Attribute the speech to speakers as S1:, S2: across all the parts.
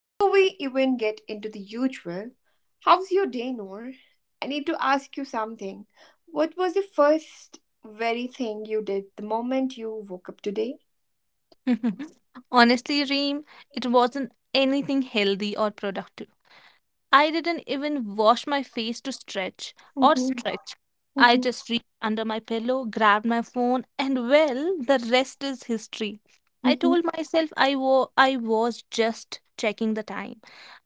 S1: Before we even get into the usual, how's your day, Noor? I need to ask you something. What was the first very thing you did the moment you woke up today?
S2: Honestly, Reem, it wasn't anything healthy or productive. I didn't even wash my face to stretch or
S1: Mhm,
S2: stretch. I
S1: mhm,
S2: just reached under my pillow, grabbed my phone, and well, the rest is history. I
S1: mhm,
S2: told myself I was just checking the time.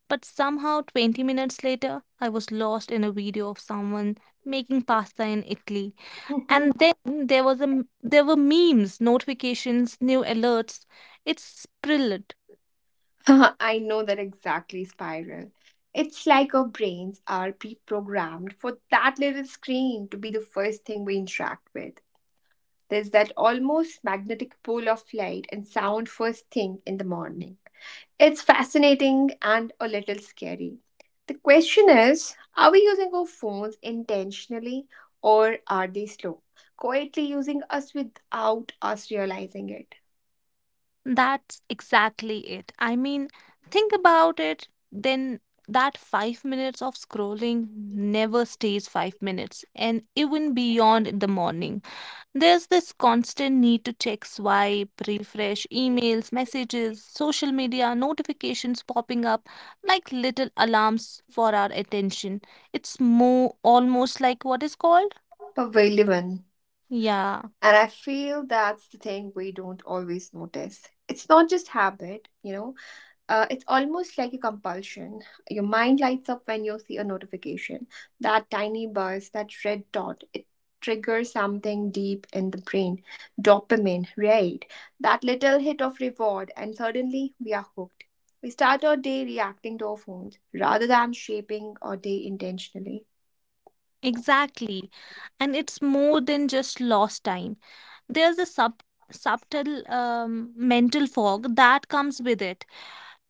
S2: But somehow, 20 minutes later, I was lost in a video of someone making pasta in Italy.
S1: mhm.
S2: And then there was a m- there were memes, notifications, new alerts. It's brilliant.
S1: I know that exactly, Spiral. It's like our brains are pre programmed for that little screen to be the first thing we interact with. There's that almost magnetic pull of light and sound first thing in the morning. It's fascinating and a little scary. The question is, are we using our phones intentionally, or are they slow, quietly using us without us realizing it?
S2: That's exactly it. I mean, think about it. Then That 5 minutes of scrolling never stays 5 minutes, and even beyond in the morning. There's this constant need to check, swipe, refresh emails, messages, social media, notifications popping up like little alarms for our attention. It's more almost like what is called.
S1: But we live.
S2: Yeah,
S1: And I feel that's the thing we don't always notice. It's not just habit, it's almost like a compulsion. Your mind lights up when you see a notification. That tiny buzz, that red dot, it triggers something deep in the brain. Dopamine, right? That little hit of reward, and suddenly we are hooked. We start our day reacting to our phones rather than shaping our day intentionally.
S2: exactly. And it's more than just lost time. There's a subtle mental fog that comes with it.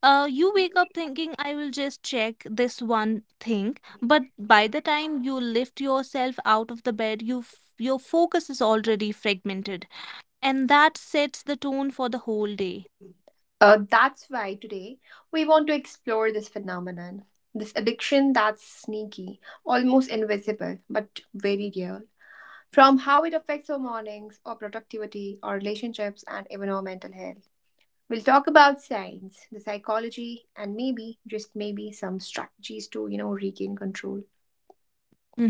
S2: You wake up thinking, I will just check this one thing, but by the time you lift yourself out of the bed, your focus is already fragmented, and that sets the tone for the whole day.
S1: That's why today we want to explore this phenomenon, this addiction that's sneaky, almost invisible, but very real, from how it affects our mornings, our productivity, our relationships, and even our mental health. We'll talk about science, the psychology, and maybe, just maybe, some strategies to, you know, regain control.
S2: Mm-hmm.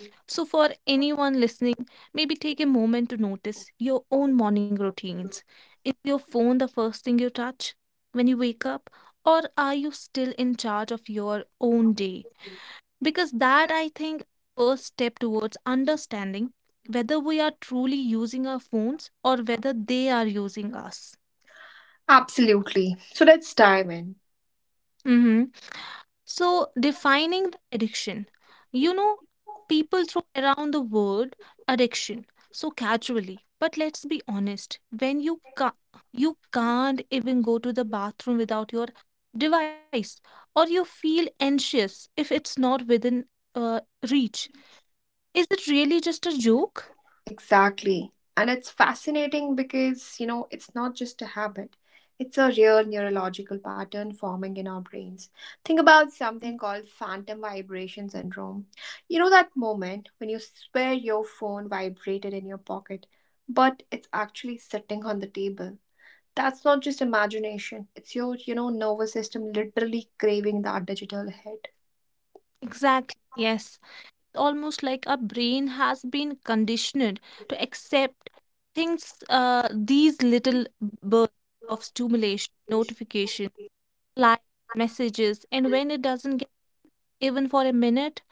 S2: So, for anyone listening, maybe take a moment to notice your own morning routines. Is your phone the first thing you touch when you wake up, or are you still in charge of your own day? Because that, I think, first step towards understanding whether we are truly using our phones or whether they are using us.
S1: Absolutely. So let's dive in.
S2: Mm-hmm. So, defining the addiction. You know, people throw around the word addiction so casually. But let's be honest, when you can't even go to the bathroom without your device, or you feel anxious if it's not within uh, reach, is it really just a joke?
S1: Exactly. And it's fascinating because, you know, it's not just a habit, it's a real neurological pattern forming in our brains. Think about something called phantom vibration syndrome. You know, that moment when you swear your phone vibrated in your pocket, but it's actually sitting on the table. That's not just imagination, it's your, you know, nervous system literally craving that digital hit.
S2: Exactly. Yes. Almost like our brain has been conditioned to accept things, these little bursts of stimulation, notification, like messages, and when it doesn't get even for a minute,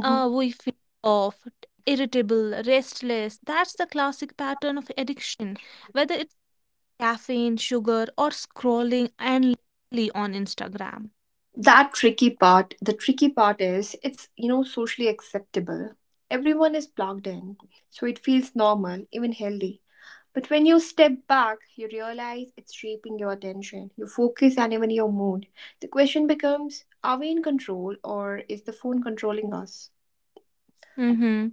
S2: we feel off, irritable, restless. That's the classic pattern of addiction, whether it's caffeine, sugar, or scrolling endlessly on Instagram.
S1: That tricky part the tricky part is, it's, you know, socially acceptable. Everyone is plugged in, so it feels normal, even healthy. But when you step back, you realize it's shaping your attention, your focus, and even your mood. The question becomes, are we in control, or is the phone controlling us?
S2: Mm-hmm.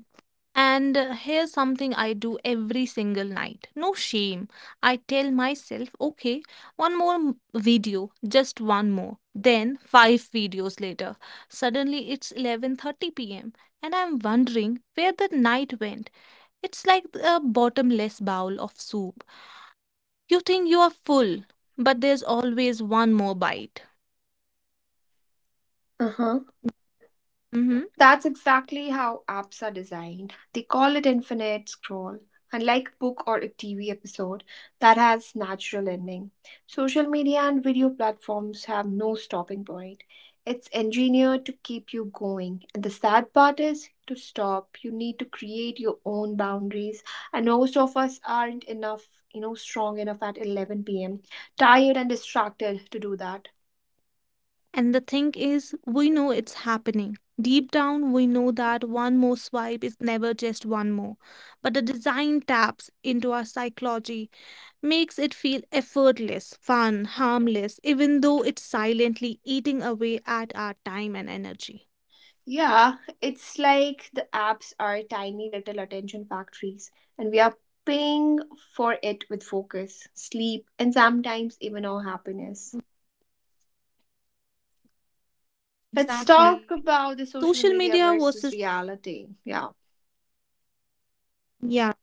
S2: And here's something I do every single night. No shame. I tell myself, okay, video, just one more. Then 5 videos later, suddenly it's 11:30 p.m. and I'm wondering where the night went. It's like a bottomless bowl of soup. You think you are full, but there's always one more bite.
S1: Uh-huh.
S2: Mhm.
S1: That's exactly how apps are designed. They call it infinite scroll, unlike a book or a TV episode that has natural ending. Social media and video platforms have no stopping point. It's engineered to keep you going. And the sad part is, to stop, you need to create your own boundaries. And most of us aren't enough, you know, strong enough at 11 p.m., tired and distracted to do that.
S2: And the thing is, we know it's happening. Deep down, we know that one more swipe is never just one more. But the design taps into our psychology, makes it feel effortless, fun, harmless, even though it's silently eating away at our time and energy.
S1: Yeah, it's like the apps are tiny little attention factories, and we are paying for it with focus, sleep, and sometimes even our happiness. Let's
S2: Exactly.
S1: talk about the social
S2: Social
S1: media
S2: media
S1: versus
S2: versus,
S1: reality. Yeah.
S2: yeah.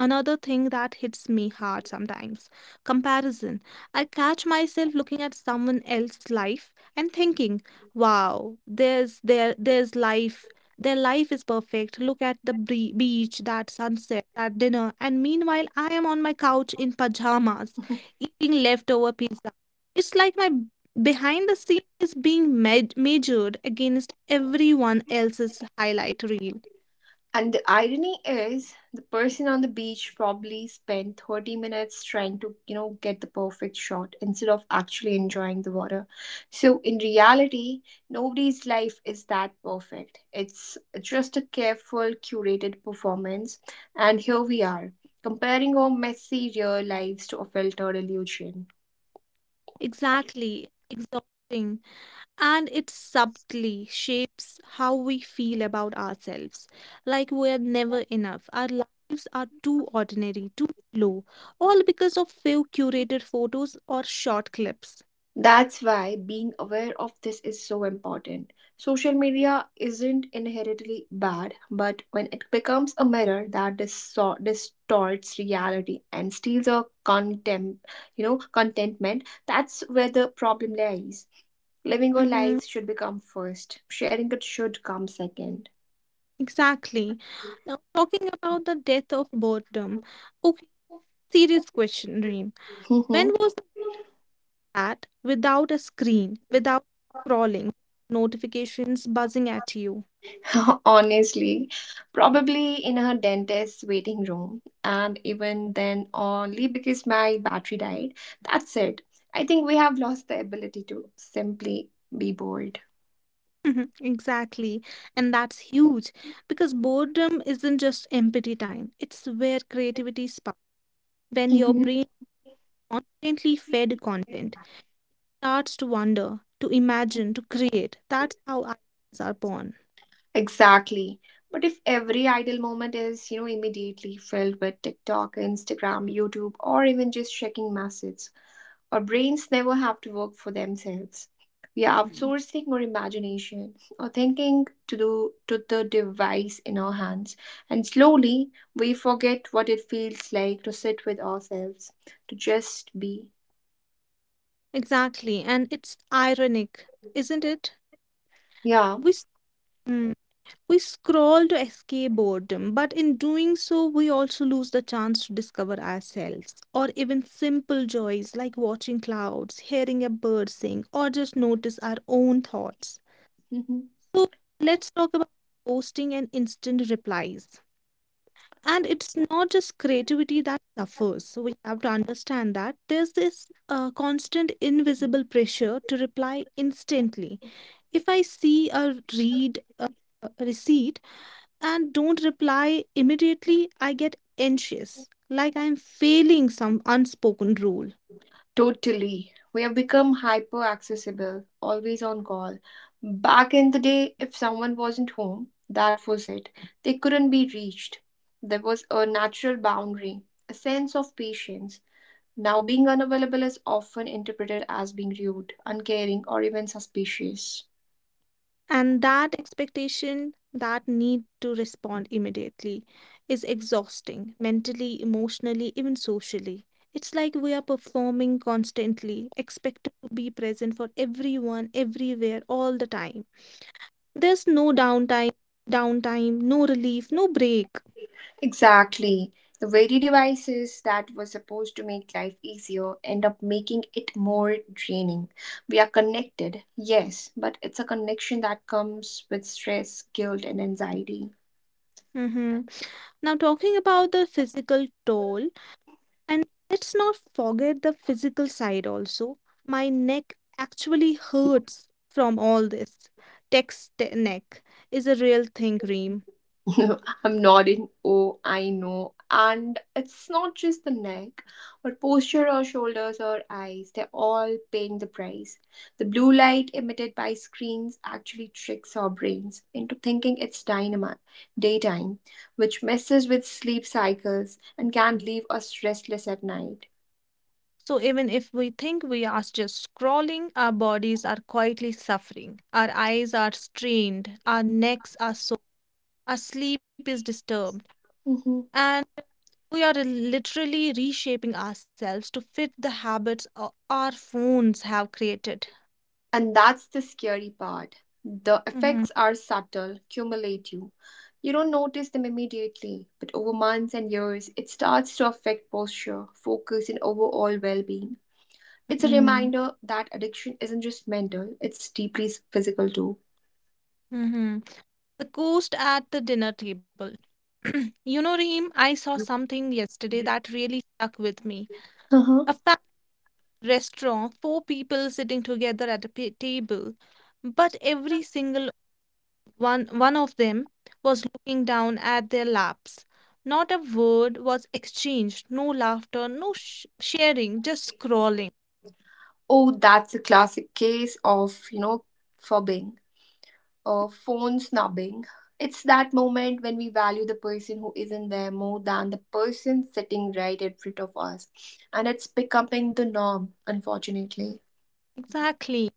S2: Another thing that hits me hard sometimes, comparison. I catch myself looking at someone else's life and thinking, wow, there's life. Their life is perfect. Look at the beach, that sunset, that dinner. And meanwhile, I am on my couch in pajamas eating leftover pizza. It's like behind the scene is being measured against everyone else's highlight reel.
S1: And the irony is, the person on the beach probably spent 30 minutes trying to, you know, get the perfect shot instead of actually enjoying the water. So, in reality, nobody's life is that perfect. It's just a careful, curated performance. And here we are, comparing our messy real lives to a filtered illusion.
S2: Exactly, exhausting. And it subtly shapes how we feel about ourselves. Like we're never enough. Our lives are too ordinary, too low, all because of few curated photos or short clips.
S1: That's why being aware of this is so important. Social media isn't inherently bad, but when it becomes a mirror that distorts reality and steals our contentment, that's where the problem lies. Living our
S2: Mm-hmm.
S1: lives should become first. Sharing it should come second.
S2: Exactly. Now, talking about the death of boredom. Okay, serious question, Reem. When
S1: Mhm.
S2: was that without a screen, without scrolling, notifications buzzing at you?
S1: Honestly, probably in a dentist's waiting room, and even then, only because my battery died. That's it. I think we have lost the ability to simply be bored.
S2: Mhm, exactly. And that's huge because boredom isn't just empty time, it's where creativity sparks. When your
S1: Mhm.
S2: brain constantly fed content starts to wonder, to imagine, to create. That's how ideas are born.
S1: Exactly. But if every idle moment is, you know, immediately filled with TikTok, Instagram, YouTube, or even just checking messages, our brains never have to work for themselves. We are
S2: Mhm.
S1: outsourcing our imagination, our thinking, to the device in our hands. And slowly, we forget what it feels like to sit with ourselves, to just be.
S2: Exactly. And it's ironic, isn't it?
S1: Yeah.
S2: We, s- hmm. We scroll to escape boredom, but in doing so, we also lose the chance to discover ourselves or even simple joys like watching clouds, hearing a bird sing, or just notice our own thoughts.
S1: Mhm.
S2: So, let's talk about posting and instant replies. And it's not just creativity that suffers. So we have to understand that there's this constant invisible pressure to reply instantly. If I see a receipt, and don't reply immediately, I get anxious, like I'm failing some unspoken rule.
S1: Totally. We have become hyper accessible, always on call. Back in the day, if someone wasn't home, that was it. They couldn't be reached. There was a natural boundary, a sense of patience. Now, being unavailable is often interpreted as being rude, uncaring, or even suspicious.
S2: And that expectation, that need to respond immediately, is exhausting mentally, emotionally, even socially. It's like we are performing constantly, expected to be present for everyone, everywhere, all the time. There's no downtime, no relief, no break.
S1: Exactly. The very devices that were supposed to make life easier end up making it more draining. We are connected, yes, but it's a connection that comes with stress, guilt, and anxiety.
S2: Hmm. Now, talking about the physical toll, and let's not forget the physical side also. My neck actually hurts from all this. Text neck is a real thing, Reem.
S1: I'm nodding. Oh, I know. And it's not just the neck, or posture, or shoulders, or eyes, they're all paying the price. The blue light emitted by screens actually tricks our brains into thinking it's daytime, which messes with sleep cycles and can leave us restless at night.
S2: So even if we think we are just scrolling, our bodies are quietly suffering. Our eyes are strained, our necks are sore, our sleep is disturbed,
S1: Mhm.
S2: and we are literally reshaping ourselves to fit the our phones have created.
S1: And that's the scary part. The
S2: Mm-hmm.
S1: effects are subtle, cumulative. You don't notice them immediately, but over months and years, it starts to affect posture, focus, and overall well being. It's a reminder that addiction isn't just mental, it's deeply physical too.
S2: Mm-hmm. The ghost at the dinner table. You know, Reem, I saw something yesterday that really stuck with me.
S1: Uh-huh.
S2: A family restaurant, 4 people sitting together at table, but every single one of them was looking down at their laps. Not a word was exchanged, no laughter, no sh- sharing, just scrolling.
S1: Oh, that's a classic case of, you know, fubbing or phone snubbing. It's that moment when we value the person who isn't there more than the person sitting right in front of us. And it's becoming the norm, unfortunately.
S2: Exactly.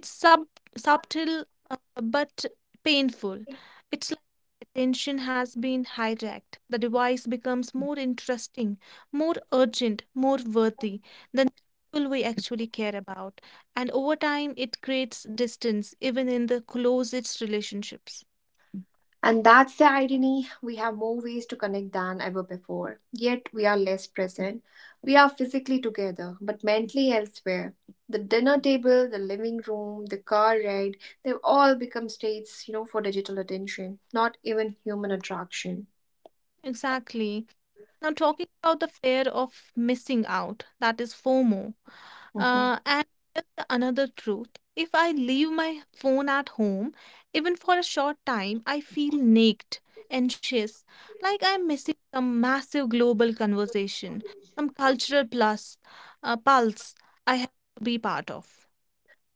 S2: It's subtle, but painful. It's attention has been hijacked. The device becomes more interesting, more urgent, more worthy than the people we actually care about. And over time, it creates distance, even in the closest relationships.
S1: And that's the irony. We have more ways to connect than ever before, yet we are less present. We are physically together, but mentally elsewhere. The dinner table, the living room, the car ride, they've all become states, you know, for digital attention, not even human attraction.
S2: Exactly. Now, talking about the fear of missing out, that is FOMO.
S1: Mhm.
S2: And here's the another truth. If I leave my phone at home, even for a short time, I feel naked, anxious, like I'm missing some massive global conversation, some cultural plus pulse I have to be part of.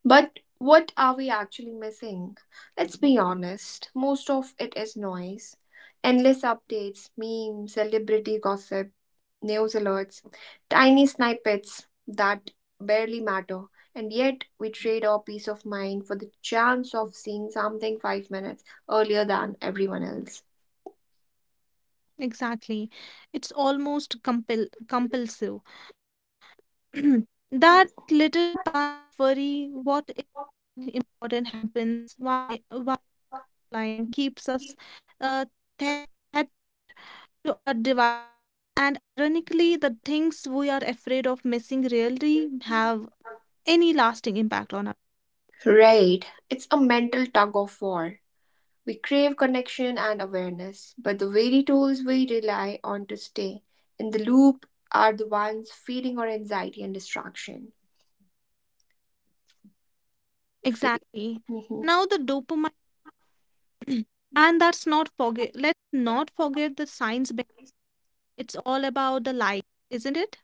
S1: But what are we actually missing? Let's be honest, most of it is noise. Endless updates, memes, celebrity gossip, news alerts, tiny snippets that barely matter. And yet, we trade our peace of mind for the chance of seeing something 5 minutes earlier than everyone else.
S2: Exactly. It's almost compel compulsive. That little pang of worry, what if something important happens? Why Line keeps us uh, tethered to our devices. And ironically, the things we are afraid of missing rarely have any lasting impact on us.
S1: Right, it's a mental tug of war. We crave connection and awareness, but the very tools we rely on to stay in the loop are the ones feeding our anxiety and distraction. If we,
S2: Exactly.
S1: mhm,
S2: Now the dopamine, and that's not forget. Let's not forget the science behind. It's all about the like, isn't it?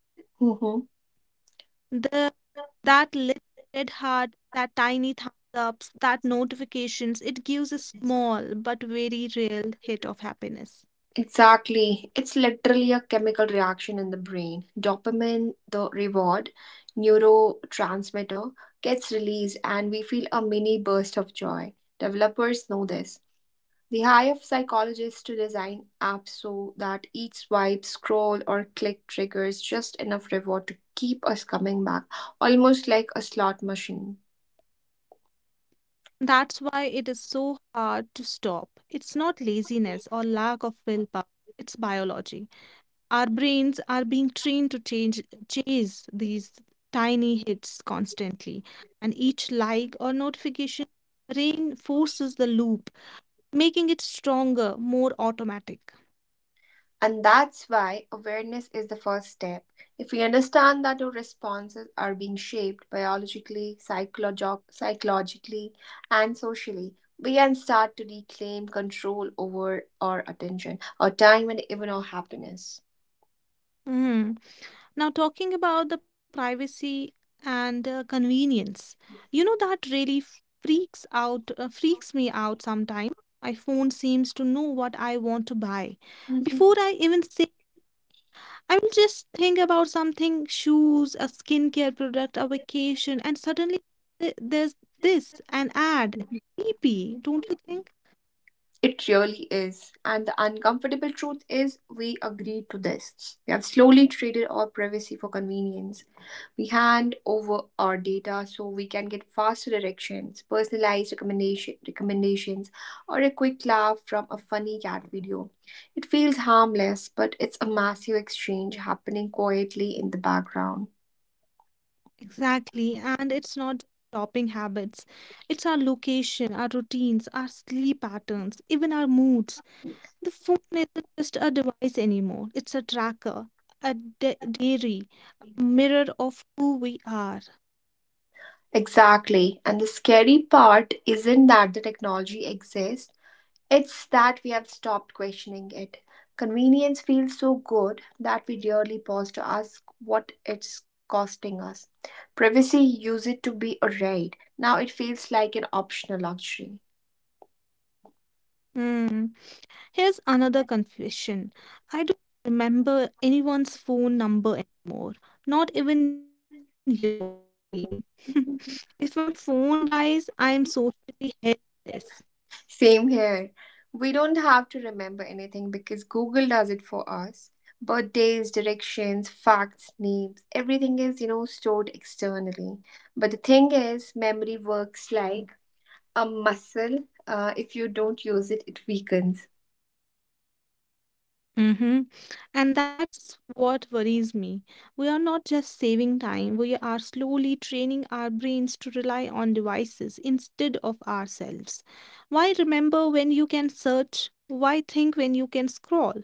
S2: The That little red heart, that tiny thumbs ups, that notifications. It gives a
S1: mhm.
S2: small but very real hit of happiness.
S1: Exactly. It's literally a chemical reaction in the brain. Dopamine, the reward neurotransmitter, gets released and we feel a mini burst of joy. Developers know this. They hire psychologists to design apps so that each swipe, scroll, or click triggers just enough reward to keep us coming back, almost like a slot machine.
S2: That's why it is so hard to stop. It's not laziness or lack of willpower, it's biology. Our brains are being trained to chase these tiny hits constantly, and each like or notification reinforces the loop, making it stronger, more automatic.
S1: And that's why awareness is the first step. If we understand that our responses are being shaped biologically, psychologically, and socially, we can start to reclaim control over our attention, our time, and even our happiness.
S2: Mm-hmm. Now, talking about the privacy and convenience, you know that really freaks me out sometimes. My phone seems to know what I want to buy. Before
S1: Mhm.
S2: I even say, I will just think about something, shoes, a skincare product, a vacation, and suddenly there's this, an ad. Creepy, don't you think?
S1: It really is. And the uncomfortable truth is, we agree to this. We have slowly traded our privacy for convenience. We hand over our data so we can get faster directions, recommendations, or a quick laugh from a funny cat video. It feels harmless, but it's a massive exchange happening quietly in the background.
S2: Exactly, and it's not shopping habits. It's our location, our routines, our sleep patterns, even our moods. The phone isn't just a device anymore, it's a tracker, diary, a mirror of who we are.
S1: Exactly. And the scary part isn't that the technology exists. It's that we have stopped questioning it. Convenience feels so good that we rarely pause to ask what it's costing us. Privacy used it to be a right. Now it feels like an optional luxury.
S2: Hmm. Here's another confession. I don't remember anyone's phone number anymore. Not even yours, Reem. If my phone dies, I'm socially helpless.
S1: Same here. We don't have to remember anything because Google does it for us. Birthdays, directions, facts, names, everything is, you know, stored externally. But the thing is, memory works like a muscle. If you don't use it, it weakens.
S2: Mm-hmm. And that's what worries me. We are not just saving time, we are slowly training our brains to rely on devices instead of ourselves. Why remember when you can search? Why think when you can scroll?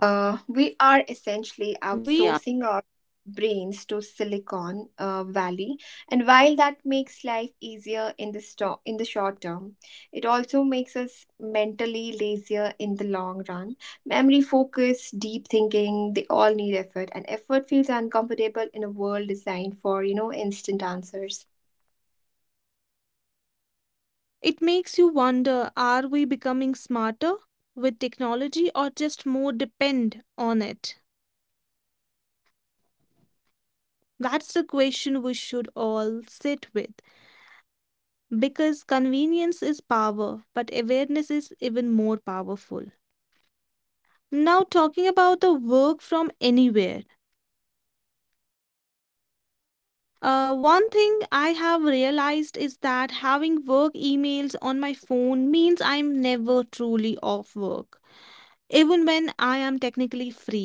S1: We are
S2: We are,
S1: essentially outsourcing our brains to Silicon Valley, and while that makes life easier in the short term, it also makes us mentally lazier in the long run. Memory focus, deep thinking, they all need effort, and effort feels uncomfortable in a world designed for, you know, instant answers.
S2: it makes you wonder, are we becoming smarter with technology or just more depend on it? That's the question we should all sit with. Because convenience is power, but awareness is even more powerful. Now, talking about the work from anywhere. One thing I have realized is that having work emails on my phone means I'm never truly off work. Even when I am technically free,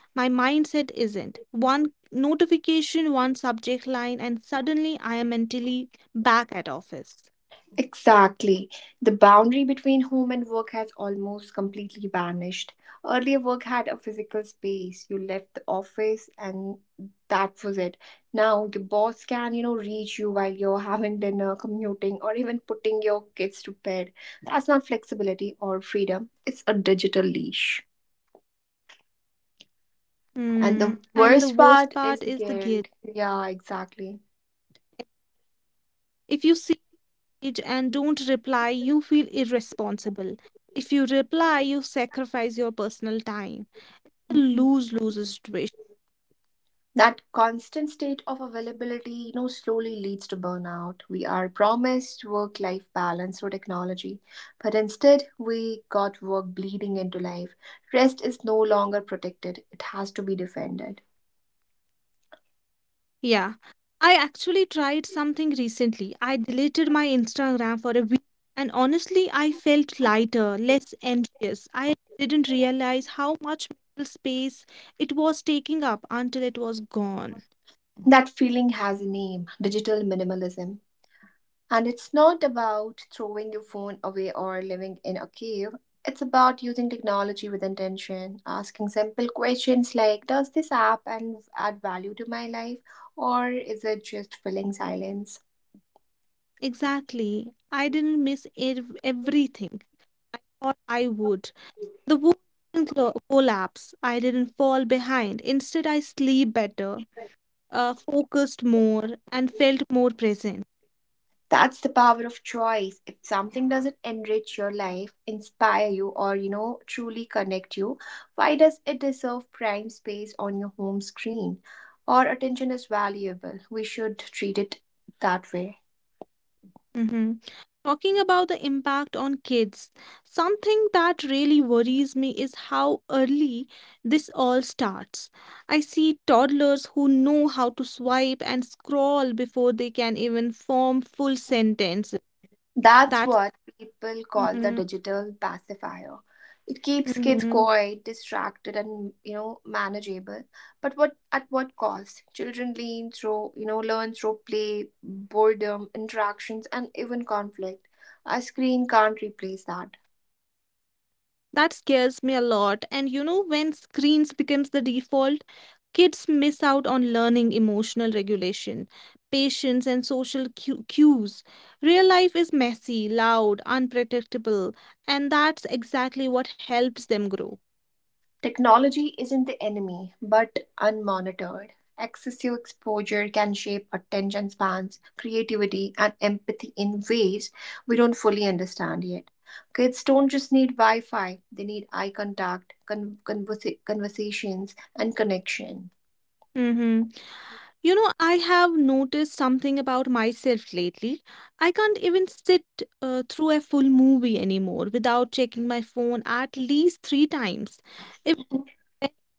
S2: my mindset isn't. One notification, one subject line, and suddenly I am mentally back at office.
S1: Exactly. The boundary between home and work has almost completely vanished. Earlier, work had a physical space. You left the office and that was it. Now, your boss can, you know, reach you while you're having dinner, commuting, or even putting your kids to bed. That's not flexibility or freedom, it's a digital leash.
S2: Hmm.
S1: And the
S2: And the
S1: worst
S2: worst
S1: part
S2: part is
S1: is the
S2: the guilt.
S1: guilt. Yeah, exactly.
S2: If you see it and don't reply, you feel irresponsible. If you reply, you sacrifice your personal time.
S1: Mhm.
S2: Lose-lose situation.
S1: That constant state of availability, you know, slowly leads to burnout. We are promised work life balance through technology, but instead we got work bleeding into life. Rest is no longer protected, it has to be defended.
S2: Yeah. I actually tried something recently. I deleted my Instagram for a week and honestly, I felt lighter, less anxious. I didn't realize how much mental space it was taking up until it was gone.
S1: That feeling has a name, digital minimalism. And it's not about throwing your phone away or living in a cave. It's about using technology with intention, asking simple questions like, does this app and add value to my life, or is it just filling silence?
S2: Exactly. I didn't miss everything I thought I would. The world didn't collapse. I didn't fall behind. Instead, I sleep better, focused more, and felt more present.
S1: That's the power of choice. If something doesn't enrich your life, inspire you, or, you know, truly connect you, why does it deserve prime space on your home screen? Our attention is valuable. We should treat it that way.
S2: Mm-hmm. Talking about the impact on kids, something that really worries me is how early this all starts. I see toddlers who know how to swipe and scroll before they can even form full sentences.
S1: That's
S2: That's.
S1: what people call the
S2: Mhm.
S1: digital pacifier. It keeps kids
S2: Mhm.
S1: quiet, distracted, and, you know, manageable. But what, at what cost? Children lean through, you know, learn through play, boredom, interactions, and even conflict. A screen can't replace that.
S2: That scares me a lot. And you know, when screens becomes the default, kids miss out on learning emotional regulation, patience, and social cues. Real life is messy, loud, unpredictable, and that's exactly what helps them grow.
S1: Technology isn't the enemy, but unmonitored. Excessive exposure can shape attention spans, creativity, and empathy in ways we don't fully understand yet. Kids don't just need Wi Fi, they need eye contact, conversations, and connection.
S2: Mm-hmm. I have noticed something about myself lately. I can't even sit through a full movie anymore without checking my phone at least three times.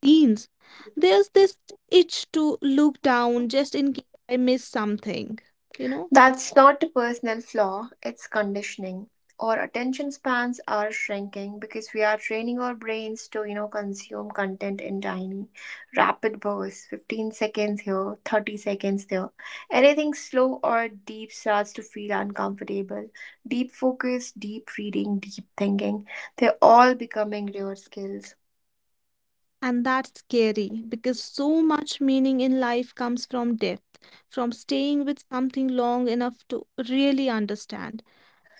S2: teens, there's this itch to look down just in case I miss something, you know?
S1: That's not a personal flaw, it's conditioning. Our attention spans are shrinking because we are training our brains to, consume content in tiny, rapid bursts 15 seconds here, 30 seconds there. Anything slow or deep starts to feel uncomfortable. Deep focus, deep reading, deep thinking, they're all becoming rare skills.
S2: And that's scary because so much meaning in life comes from depth, from staying with something long enough to really understand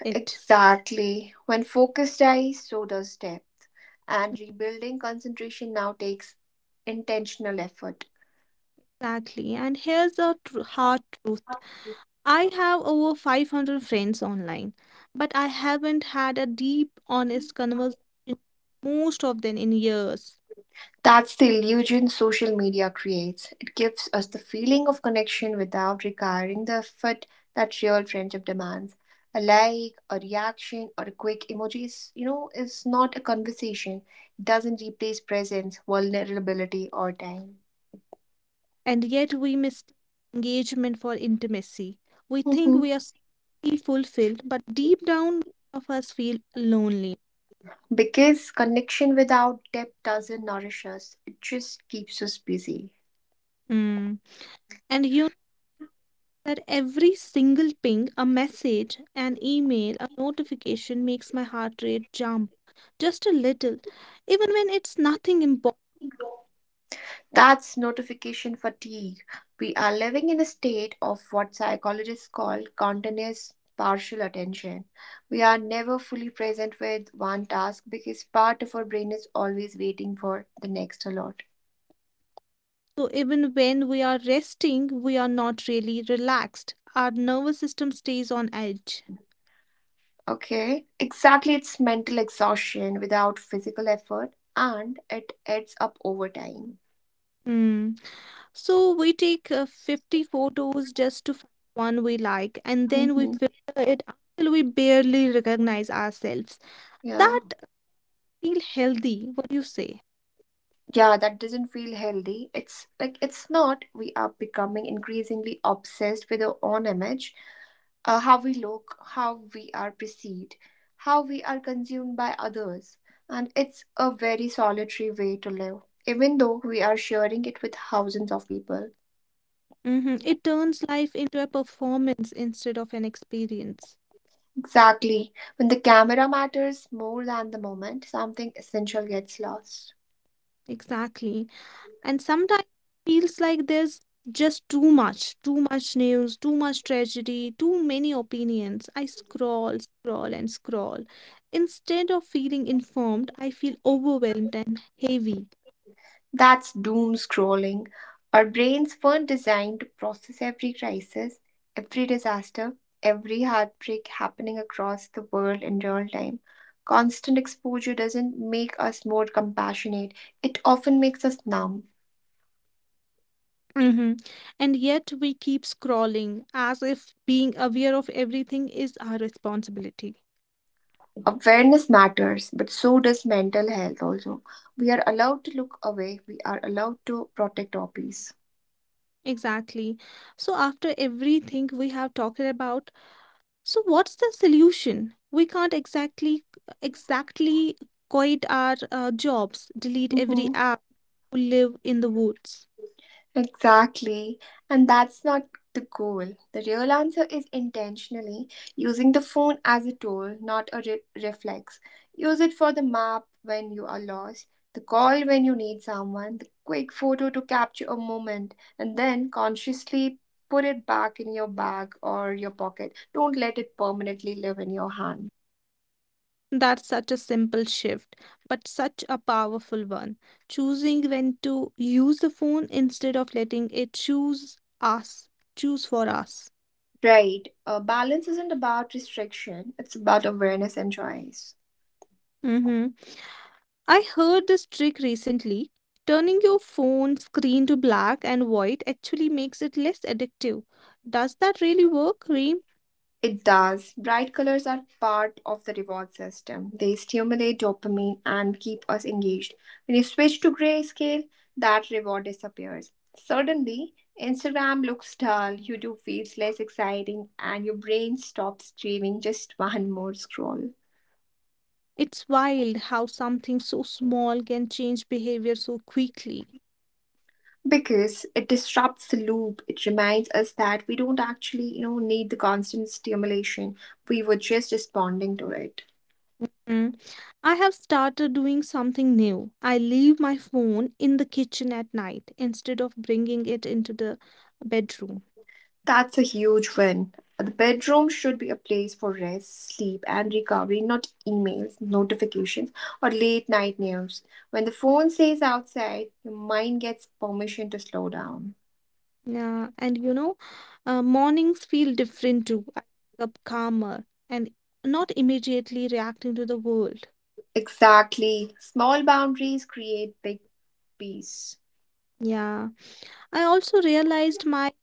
S2: it.
S1: Exactly. When focus dies, so does depth. And rebuilding concentration now takes intentional effort.
S2: Exactly. And here's the hard truth. I have over 500 friends online, but I haven't had a deep, honest conversation with most of them in years.
S1: That's the illusion social media creates. It gives us the feeling of connection without requiring the effort that real friendship demands. A like, a reaction, or a quick emoji is, is not a conversation. It doesn't replace presence, vulnerability, or time.
S2: And yet we mistake engagement for intimacy. We think
S1: Mhm.
S2: we are socially fulfilled, but deep down, many of us feel lonely.
S1: Because connection without depth doesn't nourish us, it just keeps us busy.
S2: Mm. And that every single ping, a message, an email, a notification makes my heart rate jump just a little, even when it's nothing important.
S1: That's notification fatigue. We are living in a state of what psychologists call continuous partial attention. We are never fully present with one task because part of our brain is always waiting for the next alert.
S2: So, even when we are resting, we are not really relaxed. Our nervous system stays on edge.
S1: Okay, exactly. It's mental exhaustion without physical effort and it adds up over time.
S2: Hmm. So, we take 50 photos just to find one we like, and then we
S1: Hmm.
S2: filter it until we barely recognize ourselves.
S1: Yeah.
S2: That. Feel healthy. What do you say?
S1: Yeah, that doesn't feel healthy. It's like, it's not, we are becoming increasingly obsessed with our own image. How we look, how we are perceived, how we are consumed by others, and it's a very solitary way to live, even though we are sharing it with thousands of people.
S2: Hmm. It turns life into a performance instead of an experience.
S1: Exactly, when the camera matters more than the moment, something essential gets lost.
S2: Exactly. And sometimes it feels like there's just too much news, too much tragedy, too many opinions. I scroll, scroll, and scroll instead of feeling informed. I feel overwhelmed and heavy.
S1: That's doom scrolling. Our brains weren't designed to process every crisis, every disaster, every heartbreak happening across the world in real time. Constant exposure doesn't make us more compassionate, it often makes us numb.
S2: Hmm. And yet we keep scrolling as if being aware of everything is our responsibility.
S1: Awareness matters, but so does mental health also. We are allowed to look away, we are allowed to protect our peace.
S2: Exactly. So after everything we have talked about, so what's the solution? We can't exactly quit our jobs, delete every
S1: Mhm.
S2: app, live in the woods.
S1: Exactly. And that's not the goal. The real answer is intentionally using the phone as a tool, not a reflex. Use it for the map when you are lost, the call when you need someone, the quick photo to capture a moment, and then consciously put it back in your bag or your pocket. Don't let it permanently live in your hand.
S2: That's such a simple shift, but such a powerful one. Choosing when to use the phone instead of letting it choose for us.
S1: Right. Balance isn't about restriction, it's about awareness and choice.
S2: Hmm. I heard this trick recently. Turning your phone screen to black and white actually makes it less addictive. Does that really work, Reem?
S1: It does. Bright colors are part of the reward system. They stimulate dopamine and keep us engaged. When you switch to grayscale, that reward disappears. Suddenly, Instagram looks dull, YouTube feels less exciting, and your brain stops craving just one more scroll.
S2: It's wild how something so small can change behavior so quickly.
S1: Because it disrupts the loop. It reminds us that we don't actually, need the constant stimulation. We were just responding to it.
S2: Mhm. I have started doing something new. I leave my phone in the kitchen at night instead of bringing it into the bedroom.
S1: That's a huge win. The bedroom should be a place for rest, sleep, and recovery, not emails, notifications, or late night news. When the phone stays outside, your mind gets permission to slow down.
S2: Yeah, and mornings feel different too. I wake up calmer and not immediately reacting to the world.
S1: Exactly. Small boundaries create big peace.
S2: Yeah, I also realized my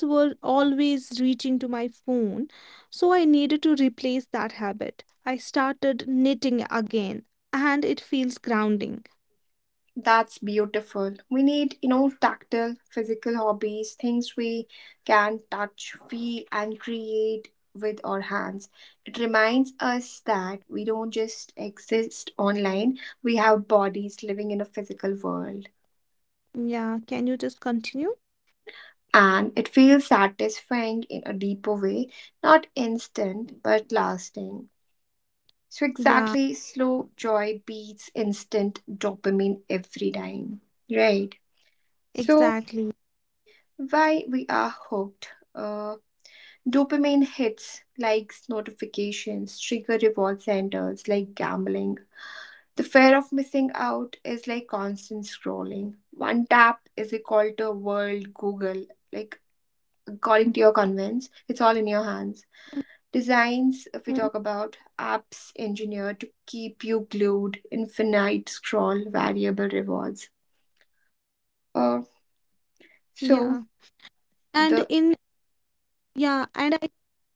S2: were always reaching to my phone, so I needed to replace that habit. I started knitting again, and it feels grounding.
S1: That's beautiful. We need, tactile, physical hobbies, things we can touch, feel, and create with our hands. It reminds us that we don't just exist online, we have bodies living in a physical world.
S2: Yeah, can you just continue?
S1: And it feels satisfying in a deeper way, not instant, but lasting. So,
S2: Yeah,
S1: exactly, slow joy beats instant dopamine every time, right? So,
S2: exactly.
S1: why we are hooked. Dopamine hits, likes, notifications trigger reward centers like gambling. The fear of missing out is like constant scrolling. One tap is equal to world Google. Like, according to your convenience, it's all in your hands. Designs, if we talk about
S2: Mm,
S1: apps engineered to keep you glued, infinite scroll, variable rewards. Uh, so
S2: yeah. And
S1: the
S2: in yeah, and I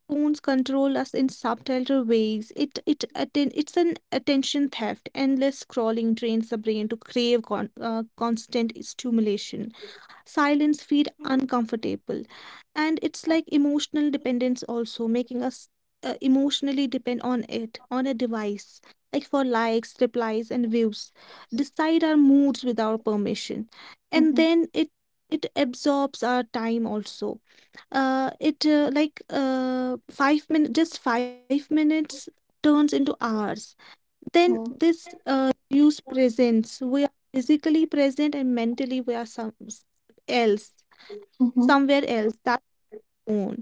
S2: phones control us in subtler ways. It's an attention theft. Endless scrolling drains the brain to crave constant stimulation. Silence feel uncomfortable. And it's like emotional dependence also, making us emotionally depend on it on a device, like for likes, replies, and views decide our moods without permission. And
S1: Mhm,
S2: then it absorbs our time also. It like 5 minutes, just 5 minutes turns into hours. Then
S1: mhm,
S2: this reduced presence. We are physically present and mentally we are else
S1: mhm.
S2: somewhere else. That own.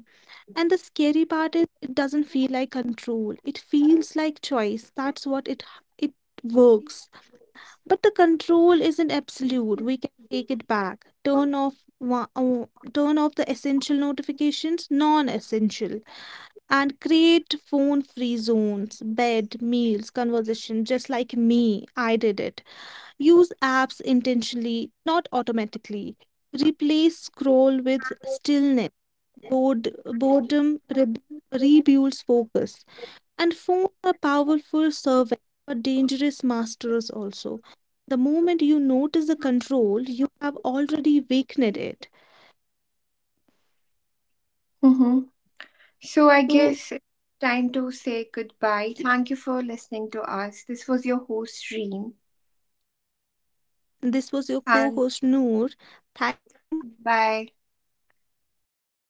S2: And the scary part is it doesn't feel like control, it feels like choice. That's what it works. But the control isn't absolute. We can take it back. Turn off the essential notifications, non essential. And create phone free zones, bed, meals, conversation, just like me. I did it. Use apps intentionally, not automatically. Replace scroll with stillness. Boredom rebuilds focus. And phones are powerful servants, but dangerous masters also. The moment you notice the control, you have already weakened it.
S1: Mm-hmm. So I
S2: So,
S1: guess time to say goodbye. Thank you for listening to us. This was your host, Reem.
S2: this was your co host Noor.
S1: And
S2: Thank you.
S1: bye.
S2: Bye bye.